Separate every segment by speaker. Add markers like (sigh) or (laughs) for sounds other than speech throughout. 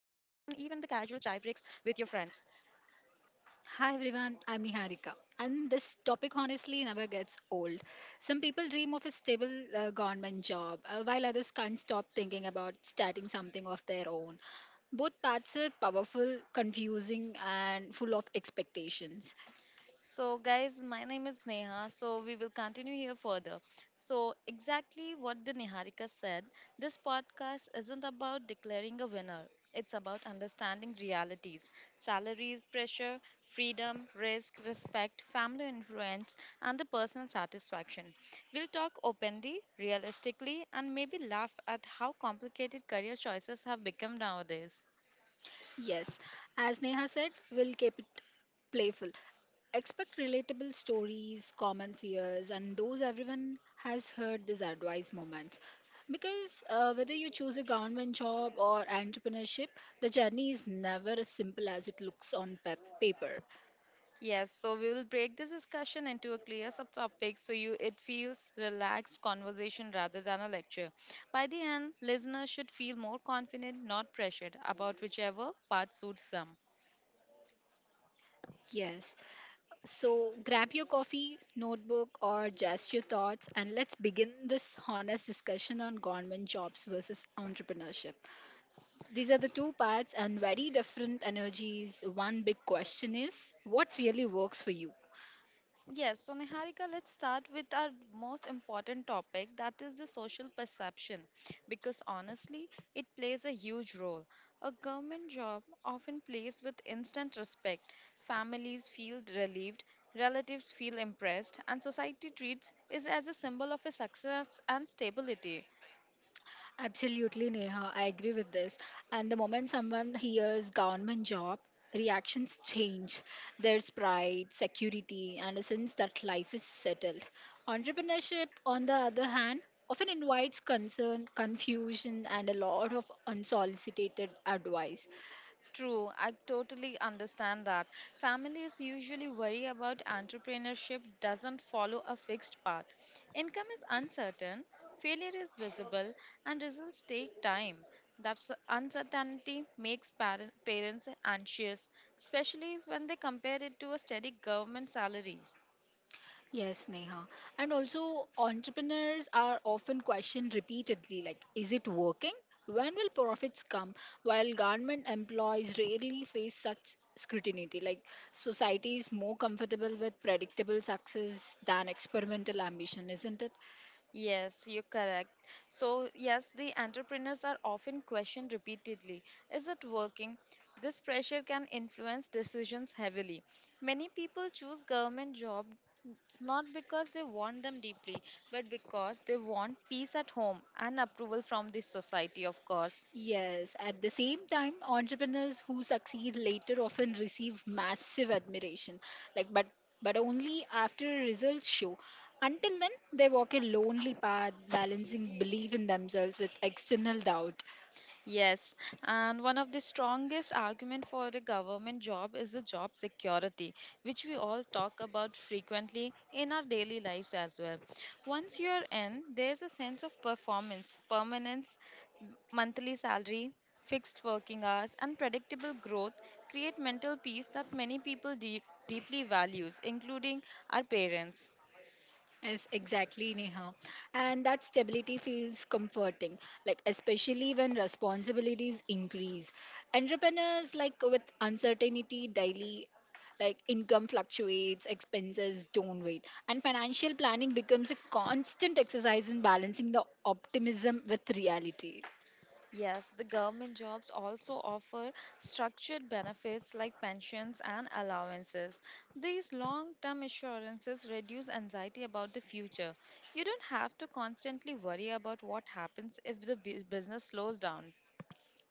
Speaker 1: chai breaks with your friends.
Speaker 2: Hi everyone, I'm Niharika. And this topic honestly never gets old. Some people dream of a stable government job, while others can't stop thinking about starting something of their own. Both paths are powerful, confusing, and full of expectations.
Speaker 1: So, guys, my name is Neha. So, we will continue here further. So, exactly what the Niharika said, this podcast isn't about declaring a winner. It's about understanding realities, salaries, pressure, freedom, risk, respect, family influence, and the personal satisfaction. We'll talk openly, realistically, and maybe laugh at how complicated career choices have become nowadays.
Speaker 2: Yes, as Neha said, we'll keep it playful. Expect relatable stories, common fears, and those everyone has heard this advice moments. Because whether you choose a government job or entrepreneurship, the journey is never as simple as it looks on paper.
Speaker 1: Yes, so we will break this discussion into a clear subtopic so you it feels relaxed conversation rather than a lecture. By the end, listeners should feel more confident, not pressured about whichever part suits them.
Speaker 2: Yes. So grab your coffee, notebook, or just your thoughts, and let's begin this honest discussion on government jobs versus entrepreneurship. These are the two parts and very different energies. One big question is what really works for you?
Speaker 1: Yes, so Niharika, let's start with our most important topic that is the social perception because honestly, it plays a huge role. A government job often plays with instant respect. Families feel relieved, relatives feel impressed, and society treats it as a symbol of a success and stability.
Speaker 2: Absolutely, Neha. I agree with this. And the moment someone hears government job, reactions change. There's pride, security, and a sense that life is settled. Entrepreneurship, on the other hand, often invites concern, confusion, and a lot of unsolicited advice.
Speaker 1: True, I totally understand that. Families usually worry about entrepreneurship doesn't follow a fixed path. Income is uncertain, failure is visible, and results take time. That s- uncertainty makes parents anxious, especially when they compare it to a steady government salaries.
Speaker 2: Yes, Neha. And also, entrepreneurs are often questioned repeatedly like, is it working? When will profits come? While government employees rarely face such scrutiny, like, society is more comfortable with predictable success than experimental ambition, isn't it?
Speaker 1: Yes, you're correct. So, yes, the entrepreneurs are often questioned repeatedly. Is it working? This pressure can influence decisions heavily. Many people choose government jobs not because they want them deeply, but because they want peace at home and approval from the society, of course.
Speaker 2: Yes, at the same time, entrepreneurs who succeed later often receive massive admiration, like but only after results show. Until then, they walk a lonely path, balancing belief in themselves with external doubt.
Speaker 1: Yes, and one of the strongest argument for a government job is the job security, which we all talk about frequently in our daily lives as well. Once you're in, there's a sense of performance, permanence, monthly salary, fixed working hours, and predictable growth create mental peace that many people deep deeply values, including our parents.
Speaker 2: Yes, exactly, Neha. And that stability feels comforting, like especially when responsibilities increase. Entrepreneurs, like with uncertainty daily, like income fluctuates, expenses don't wait, and financial planning becomes a constant exercise in balancing the optimism with reality.
Speaker 1: Yes, the government jobs also offer structured benefits like pensions and allowances. These long term assurances reduce anxiety about the future. You don't have to constantly worry about what happens if the business slows down.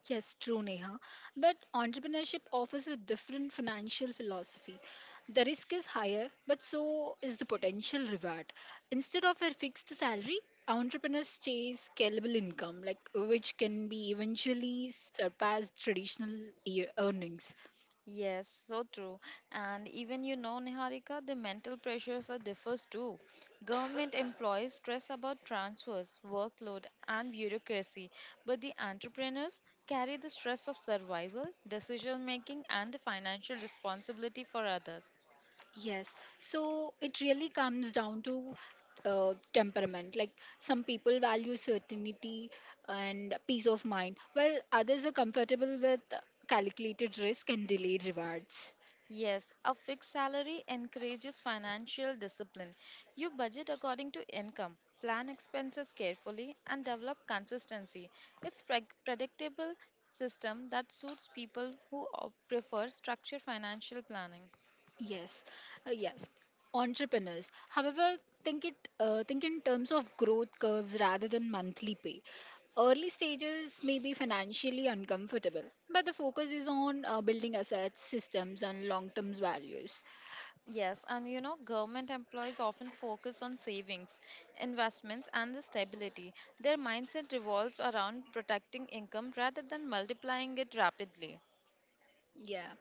Speaker 2: Yes, true, Neha. But entrepreneurship offers a different financial philosophy. The risk is higher, but so is the potential reward. Instead of a fixed salary, entrepreneurs chase scalable income, like which can be eventually surpassed traditional year earnings.
Speaker 1: Yes, so true. And even you know, Niharika, the mental pressures are differs too. Government employees stress about transfers, workload, and bureaucracy, but the entrepreneurs carry the stress of survival, decision making, and the financial responsibility for others.
Speaker 2: Yes, so it really comes down to temperament. Like some people value certainty and peace of mind, while others are comfortable with calculated risk and delayed rewards.
Speaker 1: Yes, a fixed salary encourages financial discipline. You budget according to income, plan expenses carefully, and develop consistency. It's predictable system that suits people who prefer structured financial planning.
Speaker 2: Yes, yes, entrepreneurs. However, think in terms of growth curves rather than monthly pay. Early stages may be financially uncomfortable, but the focus is on building assets, systems, and long-term values.
Speaker 1: Yes, and you know, government employees often focus on savings, investments, and the stability. Their mindset revolves around protecting income rather than multiplying it rapidly.
Speaker 2: Yeah.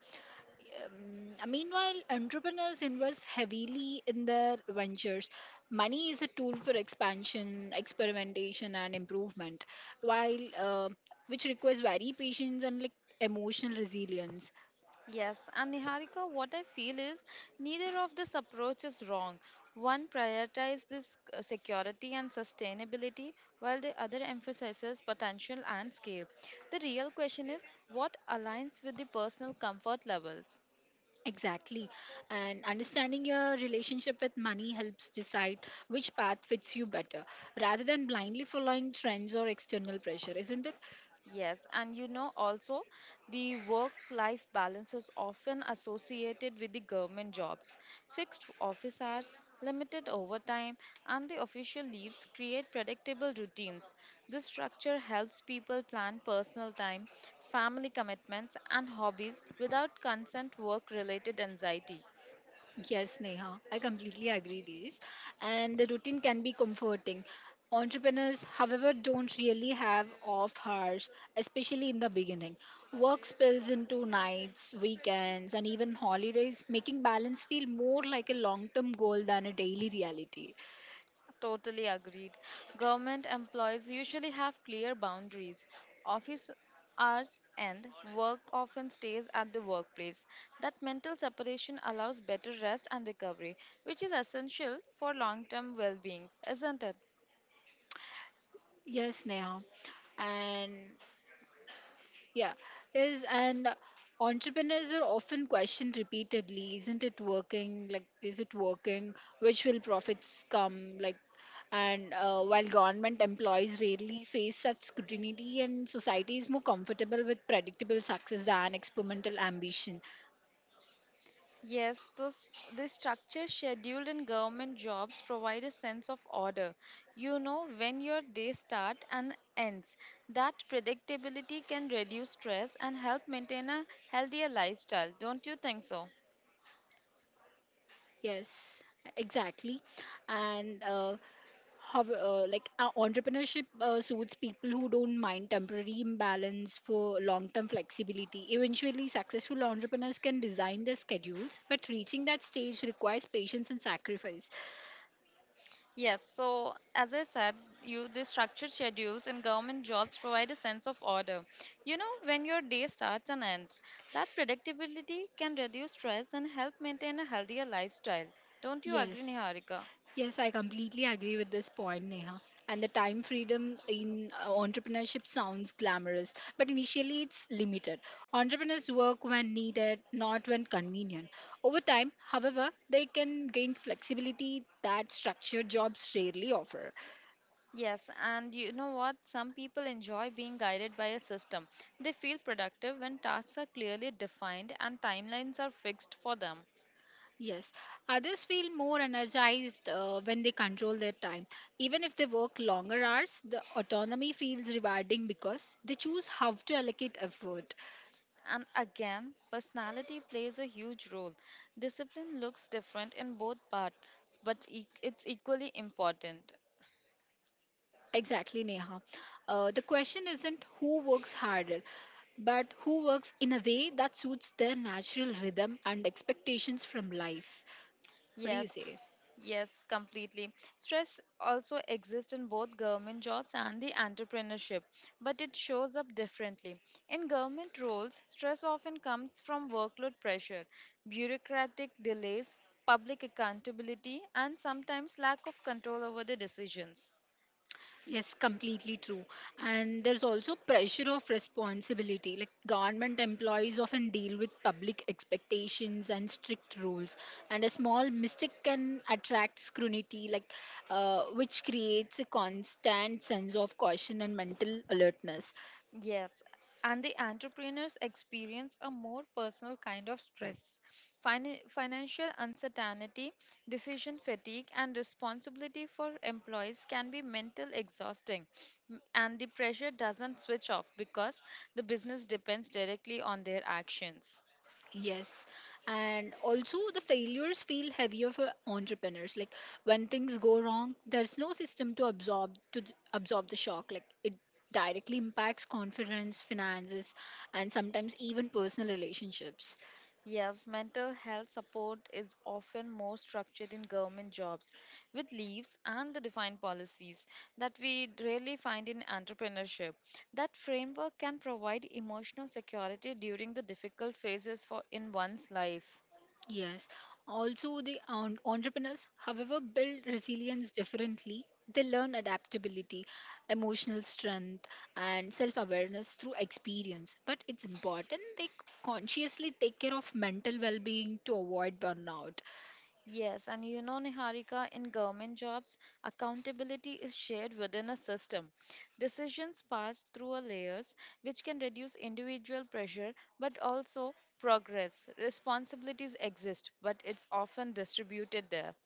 Speaker 2: Meanwhile, entrepreneurs invest heavily in their ventures. Money is a tool for expansion, experimentation, and improvement, while which requires very patience and like emotional resilience.
Speaker 1: Yes, and Niharika, what I feel is neither of this approach is wrong. One prioritizes this security and sustainability, while the other emphasizes potential and scale. The real question is what aligns with the personal comfort levels.
Speaker 2: Exactly, and understanding your relationship with money helps decide which path fits you better, rather than blindly following trends or external pressure, isn't it?
Speaker 1: Yes, and you know also the work-life balance is often associated with the government jobs. Fixed office hours, limited overtime, and the official leaves create predictable routines. This structure helps people plan personal time, family commitments, and hobbies without constant work-related anxiety.
Speaker 2: Yes, Neha, I completely agree this, and the routine can be comforting. Entrepreneurs, however, don't really have off hours, especially in the beginning. Work spills into nights, weekends, and even holidays, making balance feel more like a long term goal than a daily reality.
Speaker 1: Totally agreed. Government employees usually have clear boundaries. Office hours end, work often stays at the workplace. That mental separation allows better rest and recovery, which is essential for long term well being, isn't it?
Speaker 2: Yes, Neha. And Yeah, is and entrepreneurs are often questioned repeatedly, isn't it working? Like, is it working? Which will profits come? Like, and while government employees rarely face such scrutiny, and society is more comfortable with predictable success than experimental ambition.
Speaker 1: Yes, those the structure scheduled in government jobs provide a sense of order. You know when your day start and ends. That predictability can reduce stress and help maintain a healthier lifestyle. Don't you think so?
Speaker 2: Yes, exactly. And how, like entrepreneurship suits people who don't mind temporary imbalance for long term flexibility. Eventually, successful entrepreneurs can design their schedules, but reaching that stage requires patience and sacrifice.
Speaker 1: Yes, so as I said, you the structured schedules in government jobs provide a sense of order. You know when your day starts and ends. That predictability can reduce stress and help maintain a healthier lifestyle. Don't you agree,
Speaker 2: Yes,
Speaker 1: Niharika?
Speaker 2: Yes, I completely agree with this point, Neha. And the time freedom in entrepreneurship sounds glamorous, but initially it's limited. Entrepreneurs work when needed, not when convenient. Over time, however, they can gain flexibility that structured jobs rarely offer.
Speaker 1: Yes, and you know what? Some people enjoy being guided by a system. They feel productive when tasks are clearly defined and timelines are fixed for them.
Speaker 2: Yes, others feel more energized when they control their time. Even if they work longer hours, the autonomy feels rewarding because they choose how to allocate effort.
Speaker 1: And again, personality plays a huge role. Discipline looks different in both parts, but it's equally important.
Speaker 2: Exactly, Neha. The question isn't who works harder, but who works in a way that suits their natural rhythm and expectations from life. What do you
Speaker 1: Yes,
Speaker 2: say?
Speaker 1: yes, completely. Stress also exists in both government jobs and the entrepreneurship, but it shows up differently. In government roles, stress often comes from workload pressure, bureaucratic delays, public accountability, and sometimes lack of control over the decisions.
Speaker 2: Yes, completely true. And there's also pressure of responsibility. Like government employees often deal with public expectations and strict rules, and a small mistake can attract scrutiny, like which creates a constant sense of caution and mental alertness.
Speaker 1: Yes, and the entrepreneurs experience a more personal kind of stress. Financial uncertainty, decision fatigue, and responsibility for employees can be mental exhausting. And the pressure doesn't switch off because the business depends directly on their actions.
Speaker 2: Yes, and also the failures feel heavier for entrepreneurs. Like when things go wrong, there's no system to absorb the shock. Like it directly impacts confidence, finances, and sometimes even personal relationships.
Speaker 1: Yes, mental health support is often more structured in government jobs with leaves and the defined policies that we rarely find in entrepreneurship. That framework can provide emotional security during the difficult phases for in one's life.
Speaker 2: Yes. Also, the entrepreneurs, however, build resilience differently. They learn adaptability, emotional strength, and self awareness through experience. But it's important they consciously take care of mental well being to avoid burnout.
Speaker 1: Yes, and you know, Niharika, in government jobs, accountability is shared within a system. Decisions pass through a layers, which can reduce individual pressure but also progress. Responsibilities exist, but it's often distributed there.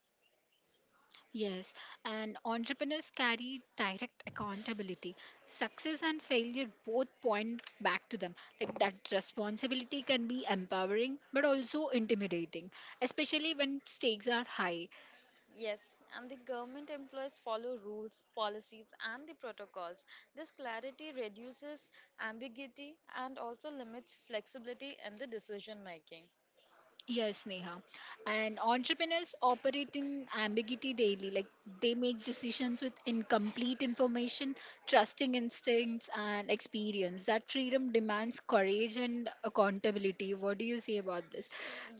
Speaker 2: Yes, and entrepreneurs carry direct accountability. Success and failure both point back to them. Like that responsibility can be empowering but also intimidating, especially when stakes are high.
Speaker 1: Yes, and the government employees follow rules, policies, and the protocols. This clarity reduces ambiguity and also limits flexibility in the decision making.
Speaker 2: Yes, Neha. And entrepreneurs operate in ambiguity daily. Like they make decisions with incomplete information, trusting instincts, and experience. That freedom demands courage and accountability. What do you say about this?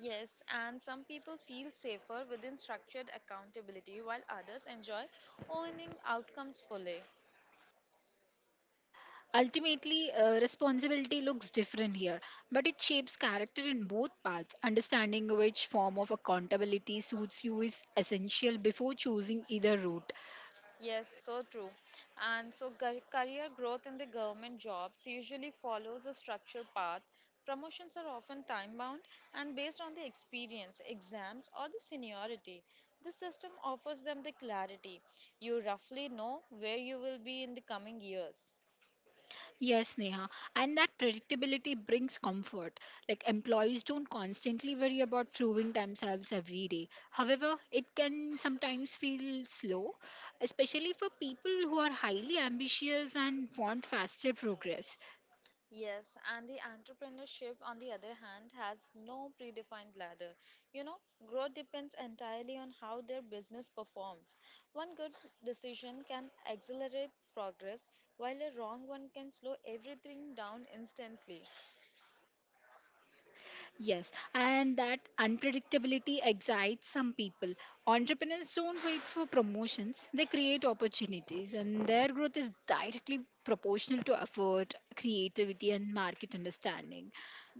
Speaker 1: Yes, and some people feel safer within structured accountability while others enjoy owning outcomes fully.
Speaker 2: Ultimately, responsibility looks different here, but it shapes character in both paths. Understanding which form of accountability suits you is essential before choosing either route.
Speaker 1: Yes, so true. And so, career growth in the government jobs usually follows a structured path. Promotions are often time bound and based on the experience, exams, or the seniority. This system offers them the clarity. You roughly know where you will be in the coming years.
Speaker 2: Yes, Neha. And that predictability brings comfort. Like employees don't constantly worry about proving themselves every day. However, it can sometimes feel slow, especially for people who are highly ambitious and want faster progress.
Speaker 1: Yes, and the entrepreneurship, on the other hand, has no predefined ladder. You know, growth depends entirely on how their business performs. One good decision can accelerate progress, while a wrong one can slow everything down instantly.
Speaker 2: Yes, and that unpredictability excites some people. Entrepreneurs don't wait for promotions, they create opportunities, and their growth is directly proportional to effort, creativity, and market understanding.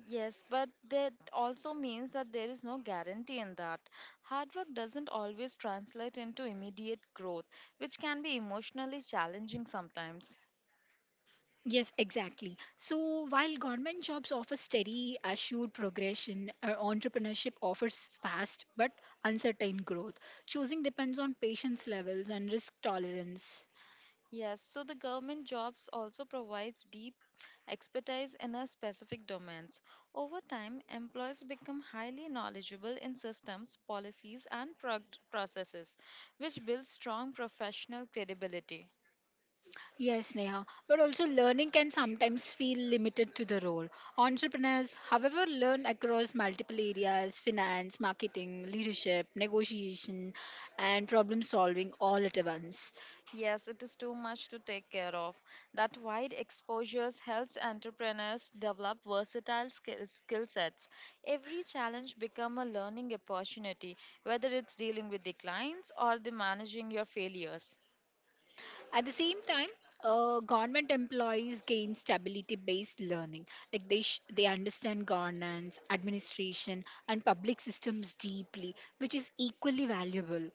Speaker 1: Yes, but that also means that there is no guarantee in that. Hard work doesn't always translate into immediate growth, which can be emotionally challenging sometimes.
Speaker 2: Yes, exactly. So while government jobs offer steady, assured progression, entrepreneurship offers fast but uncertain growth. Choosing depends on patience levels and risk tolerance.
Speaker 1: Yes, so the government jobs also provides deep expertise in a specific domains. Over time, employees become highly knowledgeable in systems, policies and processes, which builds strong professional credibility.
Speaker 2: Yes, Neha. But also, learning can sometimes feel limited to the role. Entrepreneurs, however, learn across multiple areas finance, marketing, leadership, negotiation, and problem solving all at once.
Speaker 1: Yes, it is too much to take care of. That wide exposures helps entrepreneurs develop versatile skill sets. Every challenge become a learning opportunity, whether it's dealing with the clients or the managing your failures.
Speaker 2: At the same time, government employees gain stability-based learning. Like they understand governance, administration, and public systems deeply, which is equally valuable.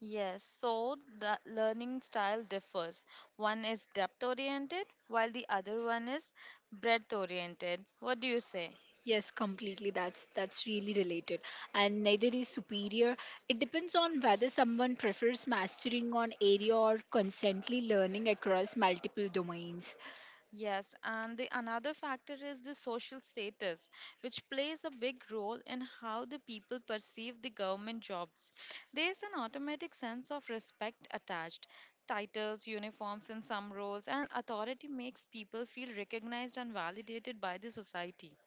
Speaker 1: Yes, so the learning style differs. One is depth oriented, while the other one is breadth oriented. What do you say?
Speaker 2: Yes, completely. That's really related. And neither is superior. It depends on whether someone prefers mastering on area or constantly learning across multiple domains.
Speaker 1: Yes, and the another factor is the social status, which plays a big role in how the people perceive the government jobs. There's an automatic sense of respect attached. Titles, uniforms in some roles, and authority makes people feel recognized and validated by the society.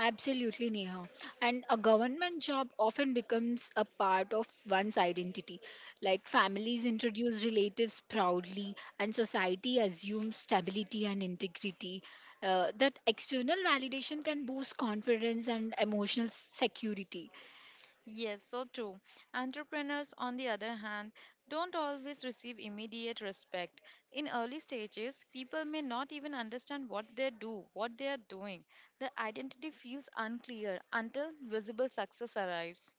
Speaker 2: Absolutely, Neha. And a government job often becomes a part of one's identity. Like families introduce relatives proudly, and society assumes stability and integrity. That external validation can boost confidence and emotional security.
Speaker 1: Yes, so true. Entrepreneurs, on the other hand, don't always receive immediate respect. In early stages, people may not even understand what they do, what they are doing. The identity feels unclear until visible success arrives.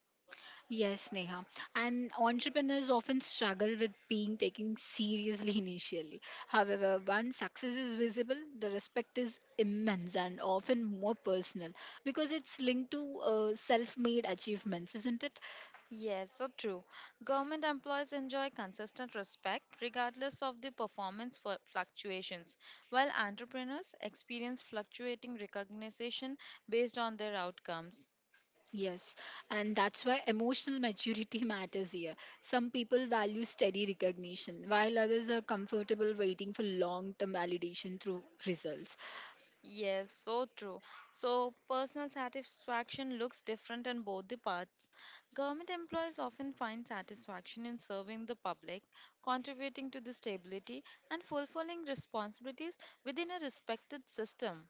Speaker 2: Yes, Neha. And entrepreneurs often struggle with being taken seriously (laughs) initially. However, once success is visible, the respect is immense and often more personal because it's linked to self made achievements, isn't it?
Speaker 1: Yes, so true. Government employees enjoy consistent respect regardless of the performance fluctuations, while entrepreneurs experience fluctuating recognition based on their outcomes.
Speaker 2: Yes. And that's why emotional maturity (laughs) matters here. Some people value steady recognition, while others are comfortable waiting for long term validation through results.
Speaker 1: Yes, so true. So, personal satisfaction looks different in both the parts. Government employees often find satisfaction in serving the public, contributing to the stability, and fulfilling responsibilities within a respected system.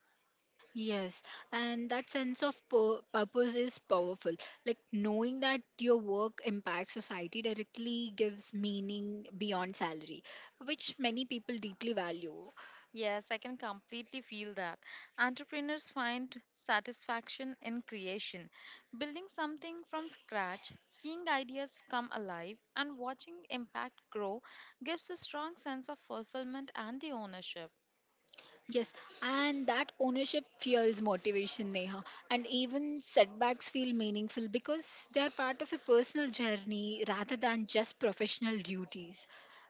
Speaker 2: Yes, and that sense of purpose is powerful. Like knowing that your work impacts society directly gives meaning beyond salary, which many people deeply value.
Speaker 1: Yes, I can completely feel that. Entrepreneurs find satisfaction in creation, building something from scratch, seeing ideas come alive, and watching impact grow gives a strong sense of fulfillment and the ownership.
Speaker 2: Yes, and that ownership fuels motivation, Neha. And even setbacks feel meaningful because they are part of a personal journey rather than just professional duties.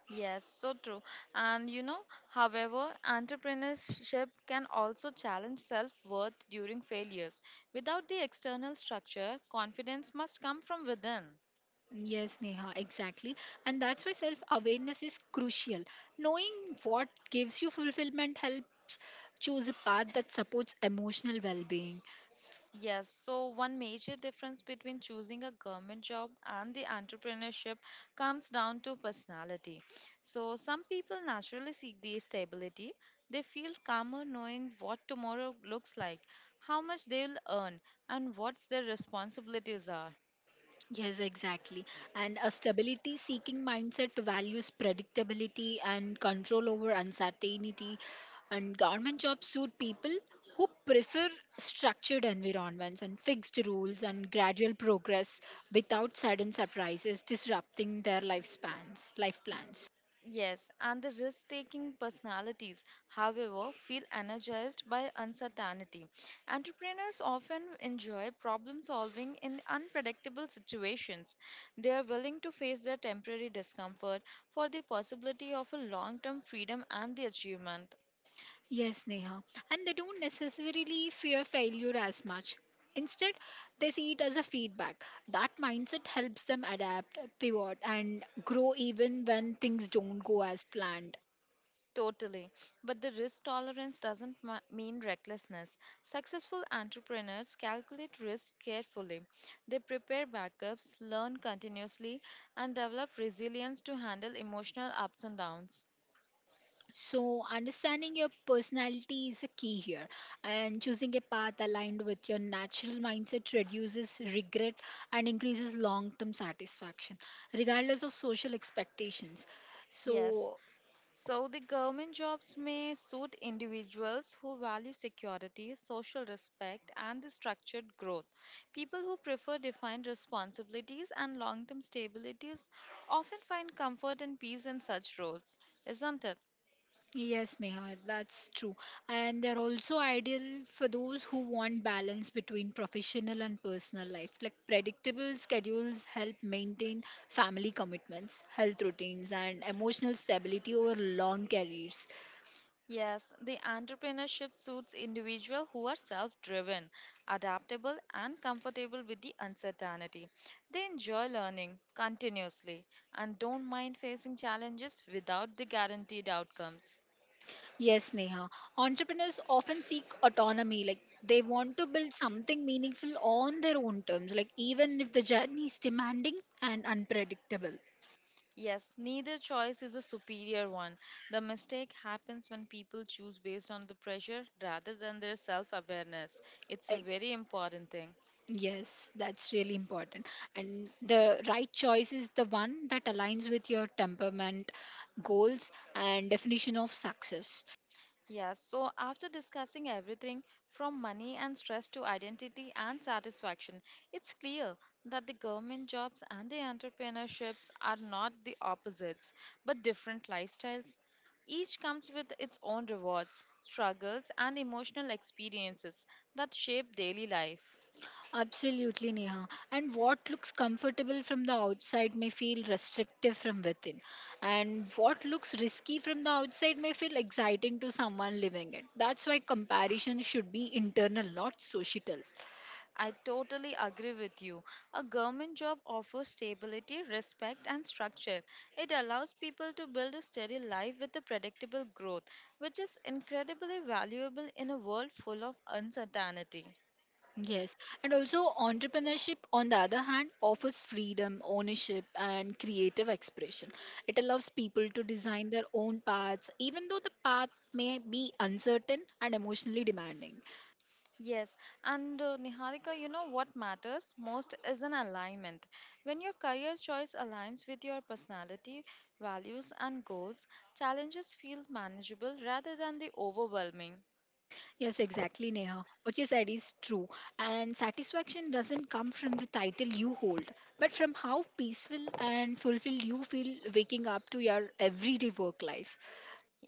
Speaker 1: Yes, so true. And you know, however, entrepreneurship can also challenge self worth during failures. Without the external structure, confidence must come from within.
Speaker 2: Yes, Neha, exactly. And that's why self awareness is crucial. Knowing what gives you fulfillment helps choose a path that supports emotional well being.
Speaker 1: Yes, so one major difference between choosing a government job and the entrepreneurship comes down to personality. So, some people naturally seek the stability. They feel calmer knowing what tomorrow looks like, how much they'll earn, and what their responsibilities are.
Speaker 2: Yes, exactly. And a stability seeking mindset values predictability and control over uncertainty. And government jobs suit people who prefer structured environments and fixed rules and gradual progress without sudden surprises disrupting their lifespans, life plans.
Speaker 1: Yes, and the risk-taking personalities, however, feel energized by uncertainty. Entrepreneurs often enjoy problem-solving in unpredictable situations. They are willing to face their temporary discomfort for the possibility of a long-term freedom and the achievement.
Speaker 2: Yes, Neha. And they don't necessarily fear failure as much. Instead, they see it as a feedback. That mindset helps them adapt, pivot, and grow even when things don't go as planned.
Speaker 1: Totally. But the risk tolerance doesn't mean recklessness. Successful entrepreneurs calculate risk carefully. They prepare backups, learn continuously, and develop resilience to handle emotional ups and downs.
Speaker 2: So, understanding your personality is a key here, and choosing a path aligned with your natural mindset reduces regret and increases long term satisfaction, regardless of social expectations.
Speaker 1: Yes,
Speaker 2: So,
Speaker 1: so the government jobs may suit individuals who value security, social respect, and the structured growth. People who prefer defined responsibilities and long term stabilities often find comfort and peace in such roles, isn't it?
Speaker 2: yes, Neha, that's true. And they're also ideal for those who want balance between professional and personal life. Like predictable schedules help maintain family commitments, health routines, and emotional stability over long careers.
Speaker 1: Yes, the entrepreneurship suits individuals who are self driven, adaptable, and comfortable with the uncertainty. They enjoy learning continuously and don't mind facing challenges without the guaranteed outcomes.
Speaker 2: Yes, Neha. Entrepreneurs often seek autonomy, like they want to build something meaningful on their own terms, like even if the journey is demanding and unpredictable.
Speaker 1: Yes, neither choice is a superior one. The mistake happens when people choose based on the pressure rather than their self awareness. It's a
Speaker 2: Like,
Speaker 1: very important thing.
Speaker 2: yes, that's really important. And the right choice is the one that aligns with your temperament, goals, and definition of success.
Speaker 1: Yes, so after discussing everything from money and stress to identity and satisfaction, it's clear that the government jobs and the entrepreneurships are not the opposites but different lifestyles. Each comes with its own rewards, struggles, and emotional experiences that shape daily life.
Speaker 2: Absolutely, Neha. And what looks comfortable from the outside may feel restrictive from within. And what looks risky from the outside may feel exciting to someone living it. That's why comparison should be internal, not societal.
Speaker 1: I totally agree with you. A government job offers stability, respect, and structure. It allows people to build a steady life with a predictable growth, which is incredibly valuable in a world full of uncertainty.
Speaker 2: Yes, and also entrepreneurship, on the other hand, offers freedom, ownership, and creative expression. It allows people to design their own paths, even though the path may be uncertain and emotionally demanding.
Speaker 1: Yes, and Niharika, you know what matters most is an alignment. When your career choice aligns with your personality, values, and goals, challenges feel manageable rather than the overwhelming.
Speaker 2: Yes, exactly, Neha. What you said is true. And satisfaction doesn't come from the title you hold, but from how peaceful and fulfilled you feel waking up to your everyday work life.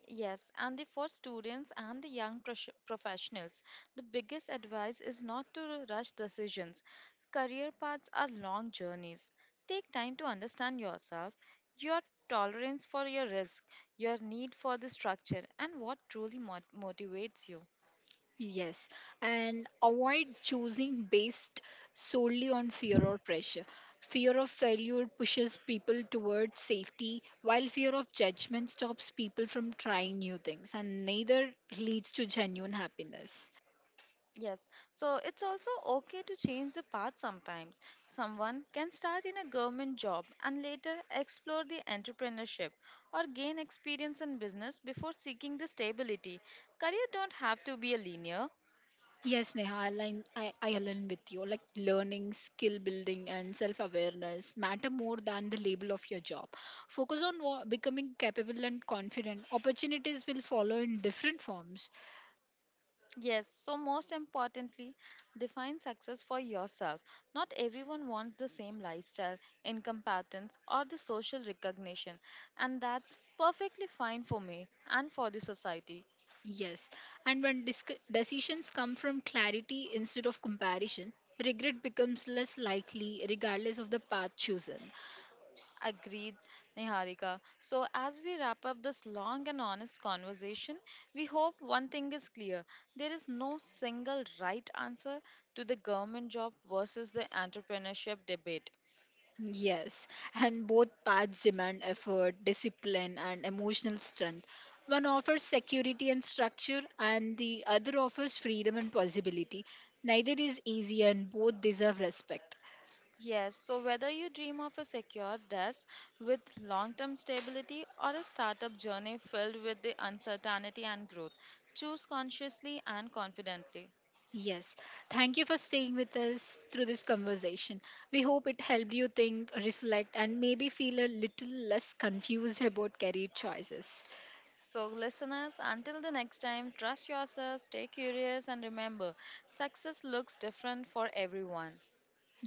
Speaker 1: Yes, and the, for students and the young professionals, the biggest advice is not to rush decisions. Career paths are long journeys. Take time to understand yourself, your tolerance for your risk, your need for the structure, and what truly motivates you.
Speaker 2: Yes, and avoid choosing based solely on fear or pressure. Fear of failure pushes people towards safety, while fear of judgment stops people from trying new things, and neither leads to genuine happiness.
Speaker 1: Yes, so it's also okay to change the path sometimes. Someone can start in a government job and later explore the entrepreneurship or gain experience in business before seeking the stability. Career don't have to be a linear.
Speaker 2: Yes, Neha, I align with you. Like learning, skill building, and self awareness matter more than the label of your job. Focus on becoming capable and confident. Opportunities will follow in different forms.
Speaker 1: Yes, so most importantly, define success for yourself. Not everyone wants the same lifestyle, income patterns, or the social recognition, and that's perfectly fine for me and for the society.
Speaker 2: Yes, and when decisions come from clarity instead of comparison, regret becomes less likely regardless of the path chosen.
Speaker 1: Agreed, Niharika. So, as we wrap up this long and honest conversation, we hope one thing is clear there is no single right answer to the government job versus the entrepreneurship debate.
Speaker 2: Yes, and both paths demand effort, discipline, and emotional strength. One offers security and structure, and the other offers freedom and possibility. Neither is easy, and both deserve respect.
Speaker 1: Yes, so whether you dream of a secure desk with long term stability or a startup journey filled with the uncertainty and growth, choose consciously and confidently.
Speaker 2: Yes. Thank you for staying with us through this conversation. We hope it helped you think, reflect, and maybe feel a little less confused about career choices.
Speaker 1: So, listeners, until the next time, trust yourself, stay curious, and remember success looks different for everyone.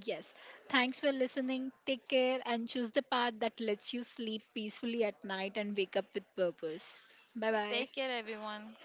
Speaker 2: Yes. Thanks for listening. Take care and choose the path that lets you sleep peacefully at night and wake up with purpose. Bye
Speaker 1: Take
Speaker 2: bye.
Speaker 1: care, everyone.